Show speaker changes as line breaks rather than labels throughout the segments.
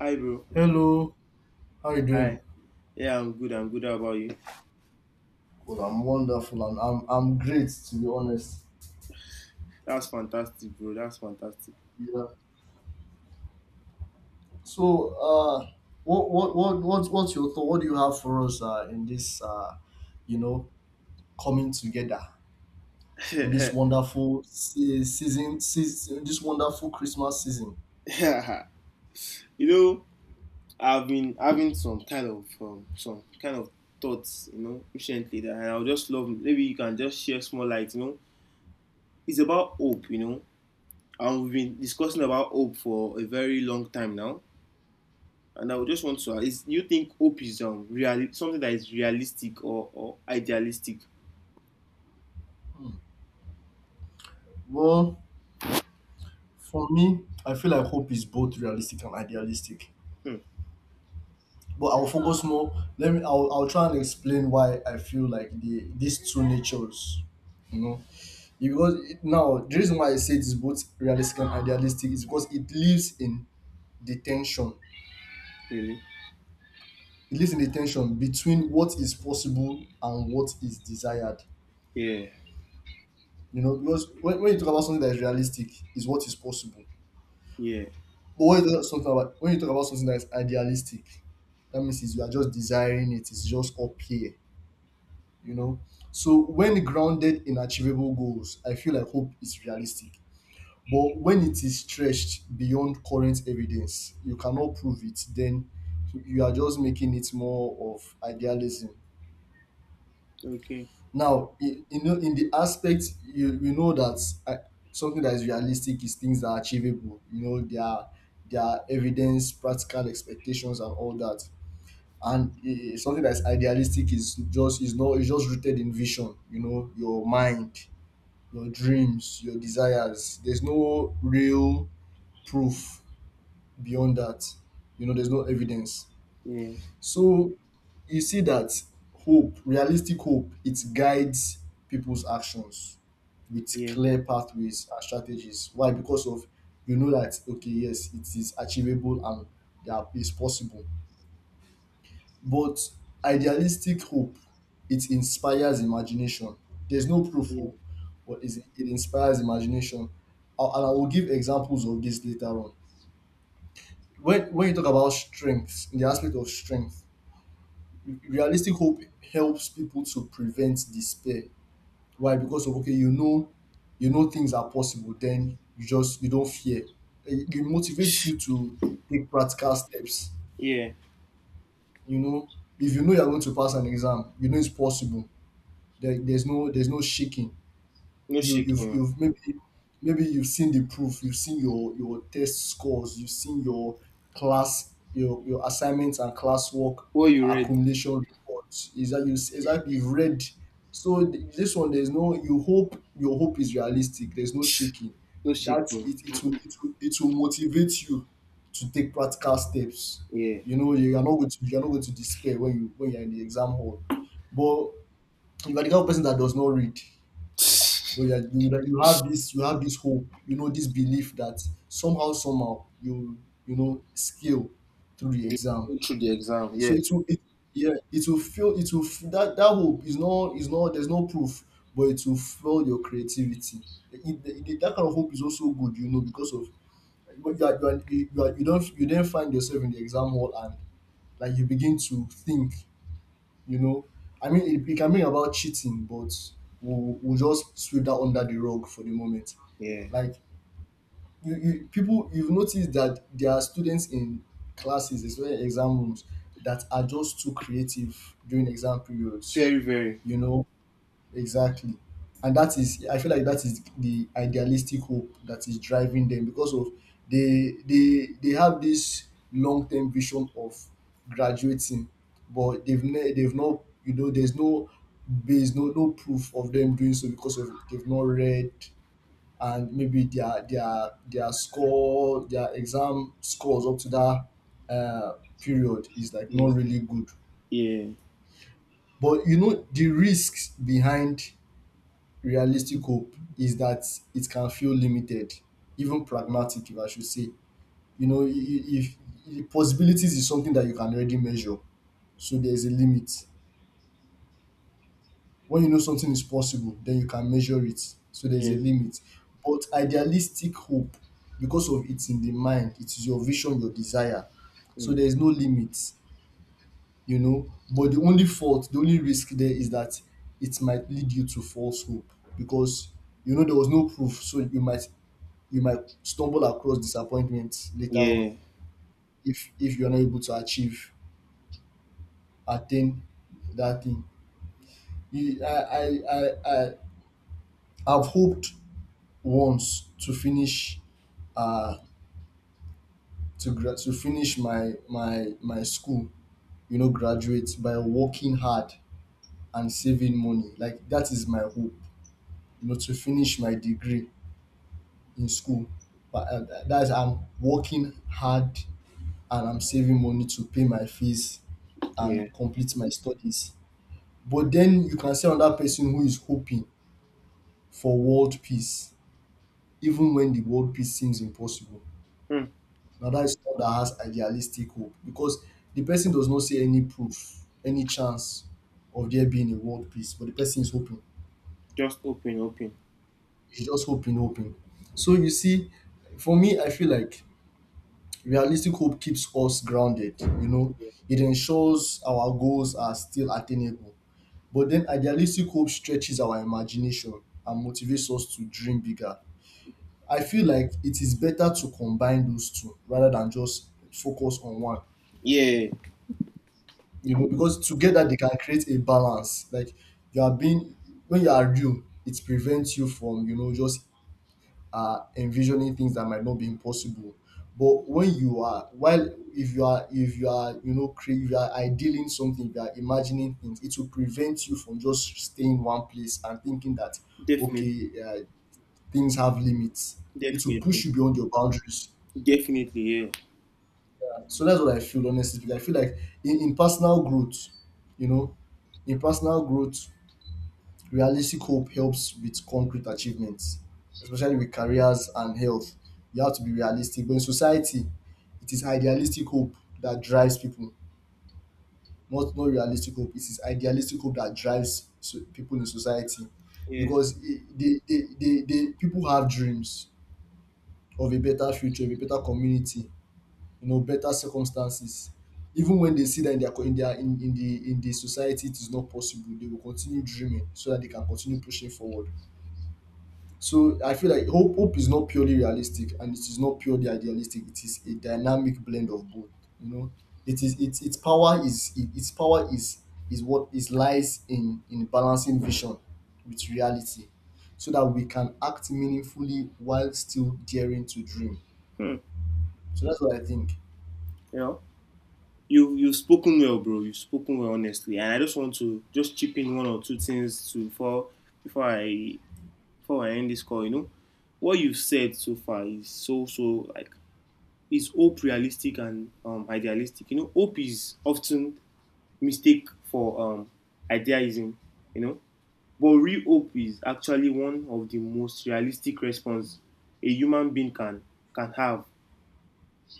Hi, bro.
Hello, how you
Hi.
doing?
Yeah, I'm good. I'm good. How about you?
Well, I'm wonderful and I'm great to be honest.
That's fantastic, bro. That's fantastic.
Yeah. So what's your thought? What do you have for us in this you know coming together in this wonderful season, this wonderful Christmas season?
Yeah. you know, I've been having some kind of thoughts, recently that I would just love. Maybe you can just share small light. It's about hope. And we've been discussing about hope for a very long time now. And I would just want to ask: Is you think hope is real something that is realistic or idealistic?
Well, for me, I feel like hope is both realistic and idealistic.
Hmm,
But I'll focus more. Let me. I'll try and explain why I feel like these two natures, you know. Now the reason why I say it's both realistic and idealistic is because it lives in the tension.
really?
It lives in the tension between what is possible and what is desired.
Yeah.
You know, because when you talk about something that is realistic, is what is possible.
Yeah.
But when you talk about something that is idealistic, that means is you are just desiring it. It's just up here. You know. So when grounded in achievable goals, I feel like hope is realistic, but when it is stretched beyond current evidence you cannot prove it, then you are just making it more of idealism.
Okay.
Now in know In the aspect, you know that, uh, something that is realistic is things that are achievable. You know, there are evidence, practical expectations, and all that. And something that is idealistic is just is not is just rooted in vision, you know, your mind, your dreams, your desires. There's no real proof beyond that. You know, there's no evidence.
Yeah.
So you see that hope, realistic hope, it guides people's actions with
Yeah.
clear pathways and strategies. Why? Because of, you know, that okay, yes, it is achievable and that is possible. But idealistic hope, it inspires imagination. There's no proof,
Yeah.
oh, but it inspires imagination. And I will give examples of this later on. When you talk about strength, in the aspect of strength, realistic hope helps people to prevent despair. Why? Because of, okay, you know, you know things are possible, then you just you don't fear. It motivates you to take practical steps,
Yeah.
you know. If you know you're going to pass an exam, you know it's possible. There's no shaking.
No shaking.
You've maybe, maybe you've seen the proof, you've seen your test scores, you've seen your class, your assignments and classwork,
What you read?
accumulation reports, is that you've read. So this one, there's no, you hope, your hope is realistic, there's no shaking,
No
that
shaking.
it will it will motivate you to take practical steps.
Yeah.
You know, you're not going to despair when you when you're in the exam hall. But you are the kind of person that does not read, but you have this hope, you know, this belief that somehow, somehow you, you know, scale through the
You
exam.
go through the exam. Yeah.
So it will yeah, it will feel, it will that, that hope is not, is not, there's no proof, but it will fuel your creativity. That kind of hope is also good, you know, because of, but you, are, you, are, you, are, you don't you then find yourself in the exam hall and like you begin to think, you know, I mean, it can be about cheating, but we'll just sweep that under the rug for the moment.
Yeah.
Like, people, you've noticed that there are students in classes, especially exam rooms, that are just too creative during exam periods.
Very, very.
You know, exactly. And that is, I feel like that is the idealistic hope that is driving them, because of, they have this long term vision of graduating, but they've not, you know, there's no base, no proof of them doing so, because of they've not read. And maybe their score, their exam scores up to that uh, period is like
Yeah.
not really good.
Yeah.
But you know the risks behind realistic hope is that it can feel limited, even pragmatic, if I should say. You know, if, if possibilities is something that you can already measure, so there's a limit. When you know something is possible, then you can measure it, so there's a
Yeah.
limit. But idealistic hope, because of it's in the mind, it is your vision, your desire, so
Mm.
there's no limit. You know, but the only fault, the only risk there is that it might lead you to false hope, because you know there was no proof, so you might stumble across disappointment later on,
Yeah.
if you're not able to achieve, attain that thing. You, I I've hoped once to finish uh to finish my school, you know, graduate by working hard and saving money, like that is my hope, you know, to finish my degree in school. But that's, I'm working hard and I'm saving money to pay my fees
Yeah.
and complete my studies. But then you can see another person who is hoping for world peace, even when the world peace seems impossible.
Mm.
Now that is someone that has idealistic hope, because the person does not see any proof, any chance of there being a world peace, but the person is hoping.
Just open, open.
He's just hoping, hoping. So you see, for me, I feel like realistic hope keeps us grounded, you know, it ensures our goals are still attainable. But then idealistic hope stretches our imagination and motivates us to dream bigger. I feel like it is better to combine those two rather than just focus on one.
Yeah.
You know, because together they can create a balance. Like, you are being when you are real, it prevents you from, you know, just envisioning things that might not be impossible. But when you are, while if you are, you know, if you are idealing something, if you are imagining things, it will prevent you from just staying in one place and thinking that,
Definitely.
okay, things have limits. It will push
Definitely.
you beyond your boundaries.
Definitely. Yeah.
So that's what I feel, honestly speaking. I feel like in personal growth, you know, in personal growth, realistic hope helps with concrete achievements, especially with careers and health. You have to be realistic. But in society, it is idealistic hope that drives people, not realistic hope. It is idealistic hope that drives, so, people in society,
Yeah.
because they people have dreams of a better future, of a better community, you know, better circumstances. Even when they see that in in their, in the, in the society it is not possible, they will continue dreaming so that they can continue pushing forward. So I feel like hope is not purely realistic and it is not purely idealistic. It is a dynamic blend of both. You know, it is its power is, is what is, lies in balancing vision with reality, so that we can act meaningfully while still daring to dream.
Hmm.
So that's what I think.
You know, you've spoken well, bro. You've spoken well, honestly. And I just want to just chip in one or two things to before before I before I end this call, you know, what you've said so far is so so like it's hope realistic and idealistic. You know, hope is often mistake for idealism. You know, but real hope is actually one of the most realistic response a human being can have.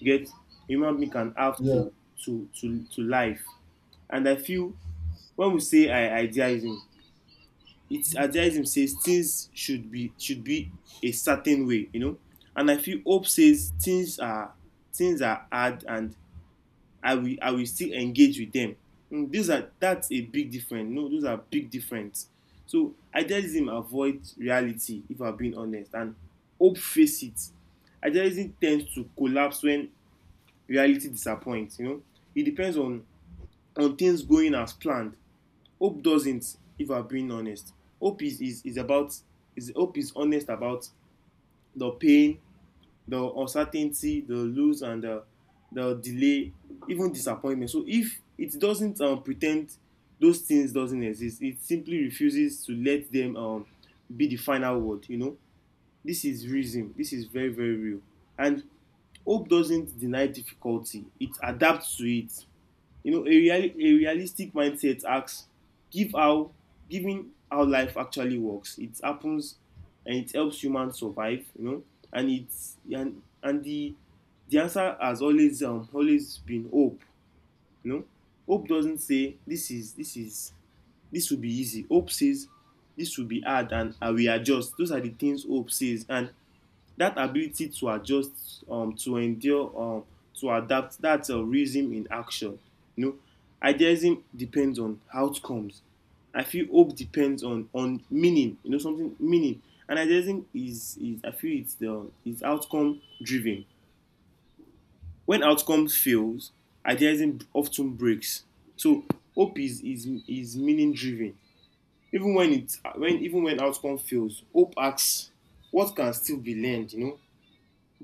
Get a human being can have
Yeah,
to to life. And I feel when we say idealism, it's idealism says things should be a certain way, you know. And I feel hope says things are hard, and I will still engage with them. Mm, these are that's a big difference. No, those are big difference. So idealism avoids reality if I'm being honest, and hope face it. Idealism tends to collapse when reality disappoints, you know. It depends on things going as planned. Hope doesn't, if I'm being honest. Hope is about is hope is honest about the pain, the uncertainty, the lose and the delay, even disappointment. So if it doesn't pretend those things doesn't exist, it simply refuses to let them be the final word, you know. This is reason, this is very very real. And hope doesn't deny difficulty, it adapts to it, you know. Real, a realistic mindset asks give how, giving how life actually works. It happens and it helps humans survive, you know. And it's and the answer has always always been hope, you know. Hope doesn't say this will be easy. Hope says this will be hard and I will adjust. Those are the things hope says. And that ability to adjust to endure to adapt, that's a realism in action, you know. Idealism depends on outcomes. I feel hope depends on meaning, you know, something meaning. And idealism is I feel it's the it's outcome driven. When outcome fails, idealism often breaks. So hope is meaning driven. Even when it, when, even when outcome fails, hope asks what can still be learned, you know,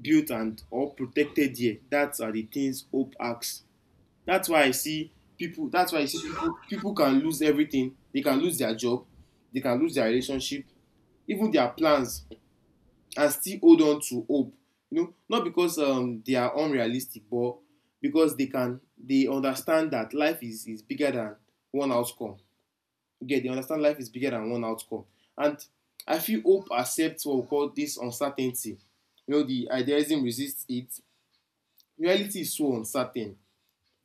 built and or protected here. That's are the things hope acts. That's why I see people. That's why I see people. People can lose everything. They can lose their job. They can lose their relationship, even their plans, and still hold on to hope. You know, not because they are unrealistic, but because they can. They understand that life is bigger than one outcome. Again, they understand life is bigger than one outcome, and I feel hope accepts what we call this uncertainty. You know, the idealism resists it. Reality is so uncertain,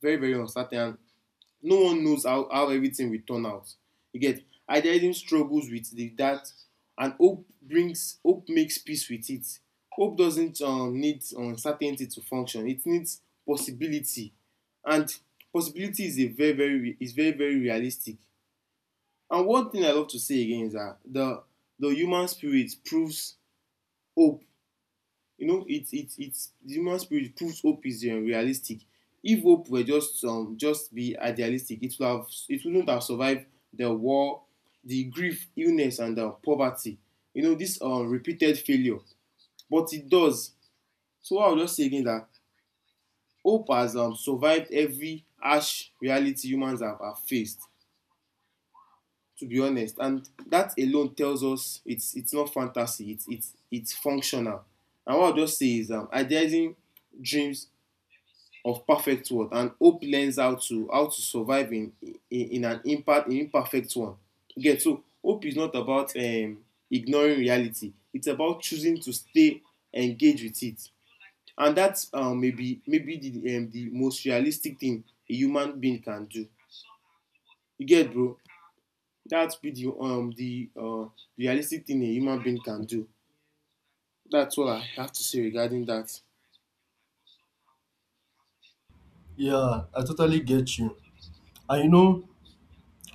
very, very uncertain, and no one knows how everything will turn out. You get idealism struggles with the, that, and hope brings, hope makes peace with it. Hope doesn't need uncertainty to function. It needs possibility, and possibility is a very, very, is very, very realistic. And one thing I love to say again is that the human spirit proves hope, you know. It's the human spirit proves hope is unrealistic. If hope were just be idealistic, it wouldn't have survived the war, the grief, illness and the poverty, you know, this repeated failure. But it does. So I will just say again that hope has survived every harsh reality humans have faced, to be honest. And that alone tells us it's not fantasy, it's functional. And what I will just say is idealizing dreams of perfect world, and hope learns how to, how to survive in in an impact, in imperfect one. You get, so hope is not about ignoring reality, it's about choosing to stay engaged with it. And that maybe the most realistic thing a human being can do, you get bro. That be the realistic thing a human being can do. That's all I have to say regarding that.
yeah, I totally get you. And you know,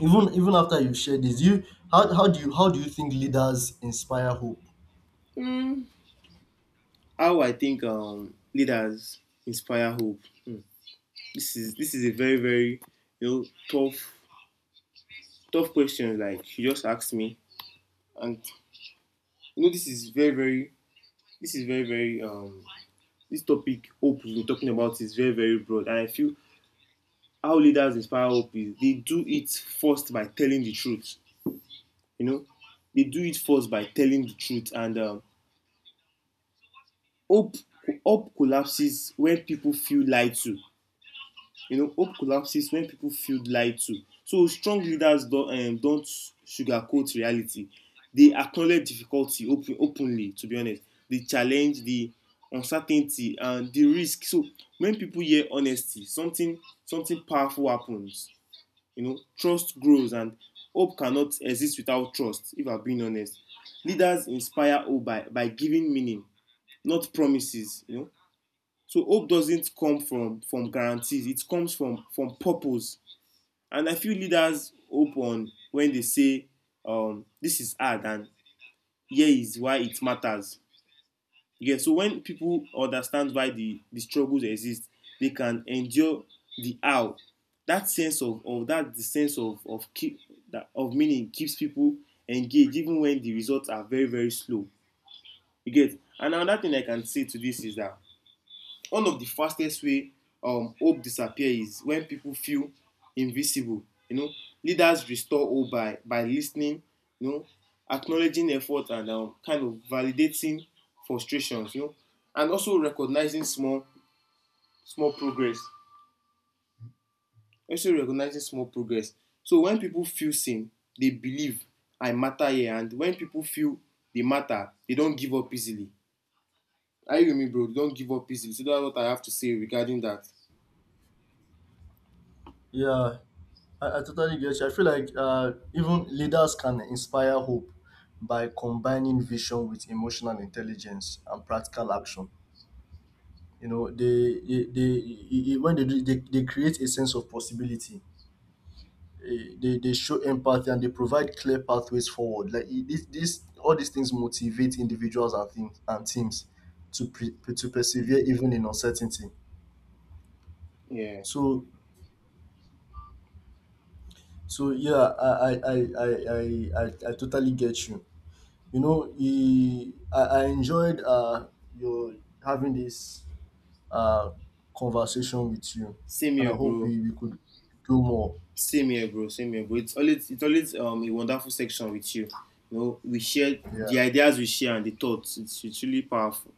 even, even after you share this, you, how do you think leaders inspire hope?
How I think leaders inspire hope, hmm. This is a very very, you know, tough tough question. Like you just asked me, and you know this is very very, this is very very this topic hope we've been talking about is very very broad. And I feel how leaders inspire hope is, they do it first by telling the truth. You know, they do it first by telling the truth, and hope hope collapses when people feel lied to, you know. Hope collapses when people feel lied to, so strong leaders don't sugarcoat reality. They acknowledge difficulty openly, to be honest. They challenge the uncertainty and the risk. So when people hear honesty, something powerful happens, you know. Trust grows, and hope cannot exist without trust, if I'm being honest. Leaders inspire hope by giving meaning, not promises, you know. So hope doesn't come from guarantees, it comes from purpose. And I feel leaders hope on when they say, this is hard, and here is why it matters. Yeah, so when people understand why the struggles exist, they can endure the how. That sense of, that, the sense of keep, that of meaning keeps people engaged, even when the results are very very slow. You get. And another thing I can say to this is that one of the fastest way hope disappear is when people feel invisible, you know. Leaders restore hope by listening, you know, acknowledging effort and kind of validating frustrations, you know. And also recognizing small progress. Also recognizing small progress. So when people feel seen, they believe I matter here. And when people feel they matter, they don't give up easily. Are you with me bro? They don't give up easily. So that's what I have to say regarding that.
Yeah, I totally get you. I feel like even leaders can inspire hope by combining vision with emotional intelligence and practical action. You know, when they do, they create a sense of possibility. They show empathy and they provide clear pathways forward. Like this, all these things motivate individuals and things and teams to to persevere even in uncertainty.
Yeah.
So, so yeah, I, I, I, I, I totally get you. You know, I enjoyed your having this uh conversation with you,
Same
and I
here,
hope
bro.
we could do more.
Same here, bro. Same here, bro. It's always, a wonderful section with you. You know, we share the
Yeah.
ideas we share and the thoughts. It's really powerful.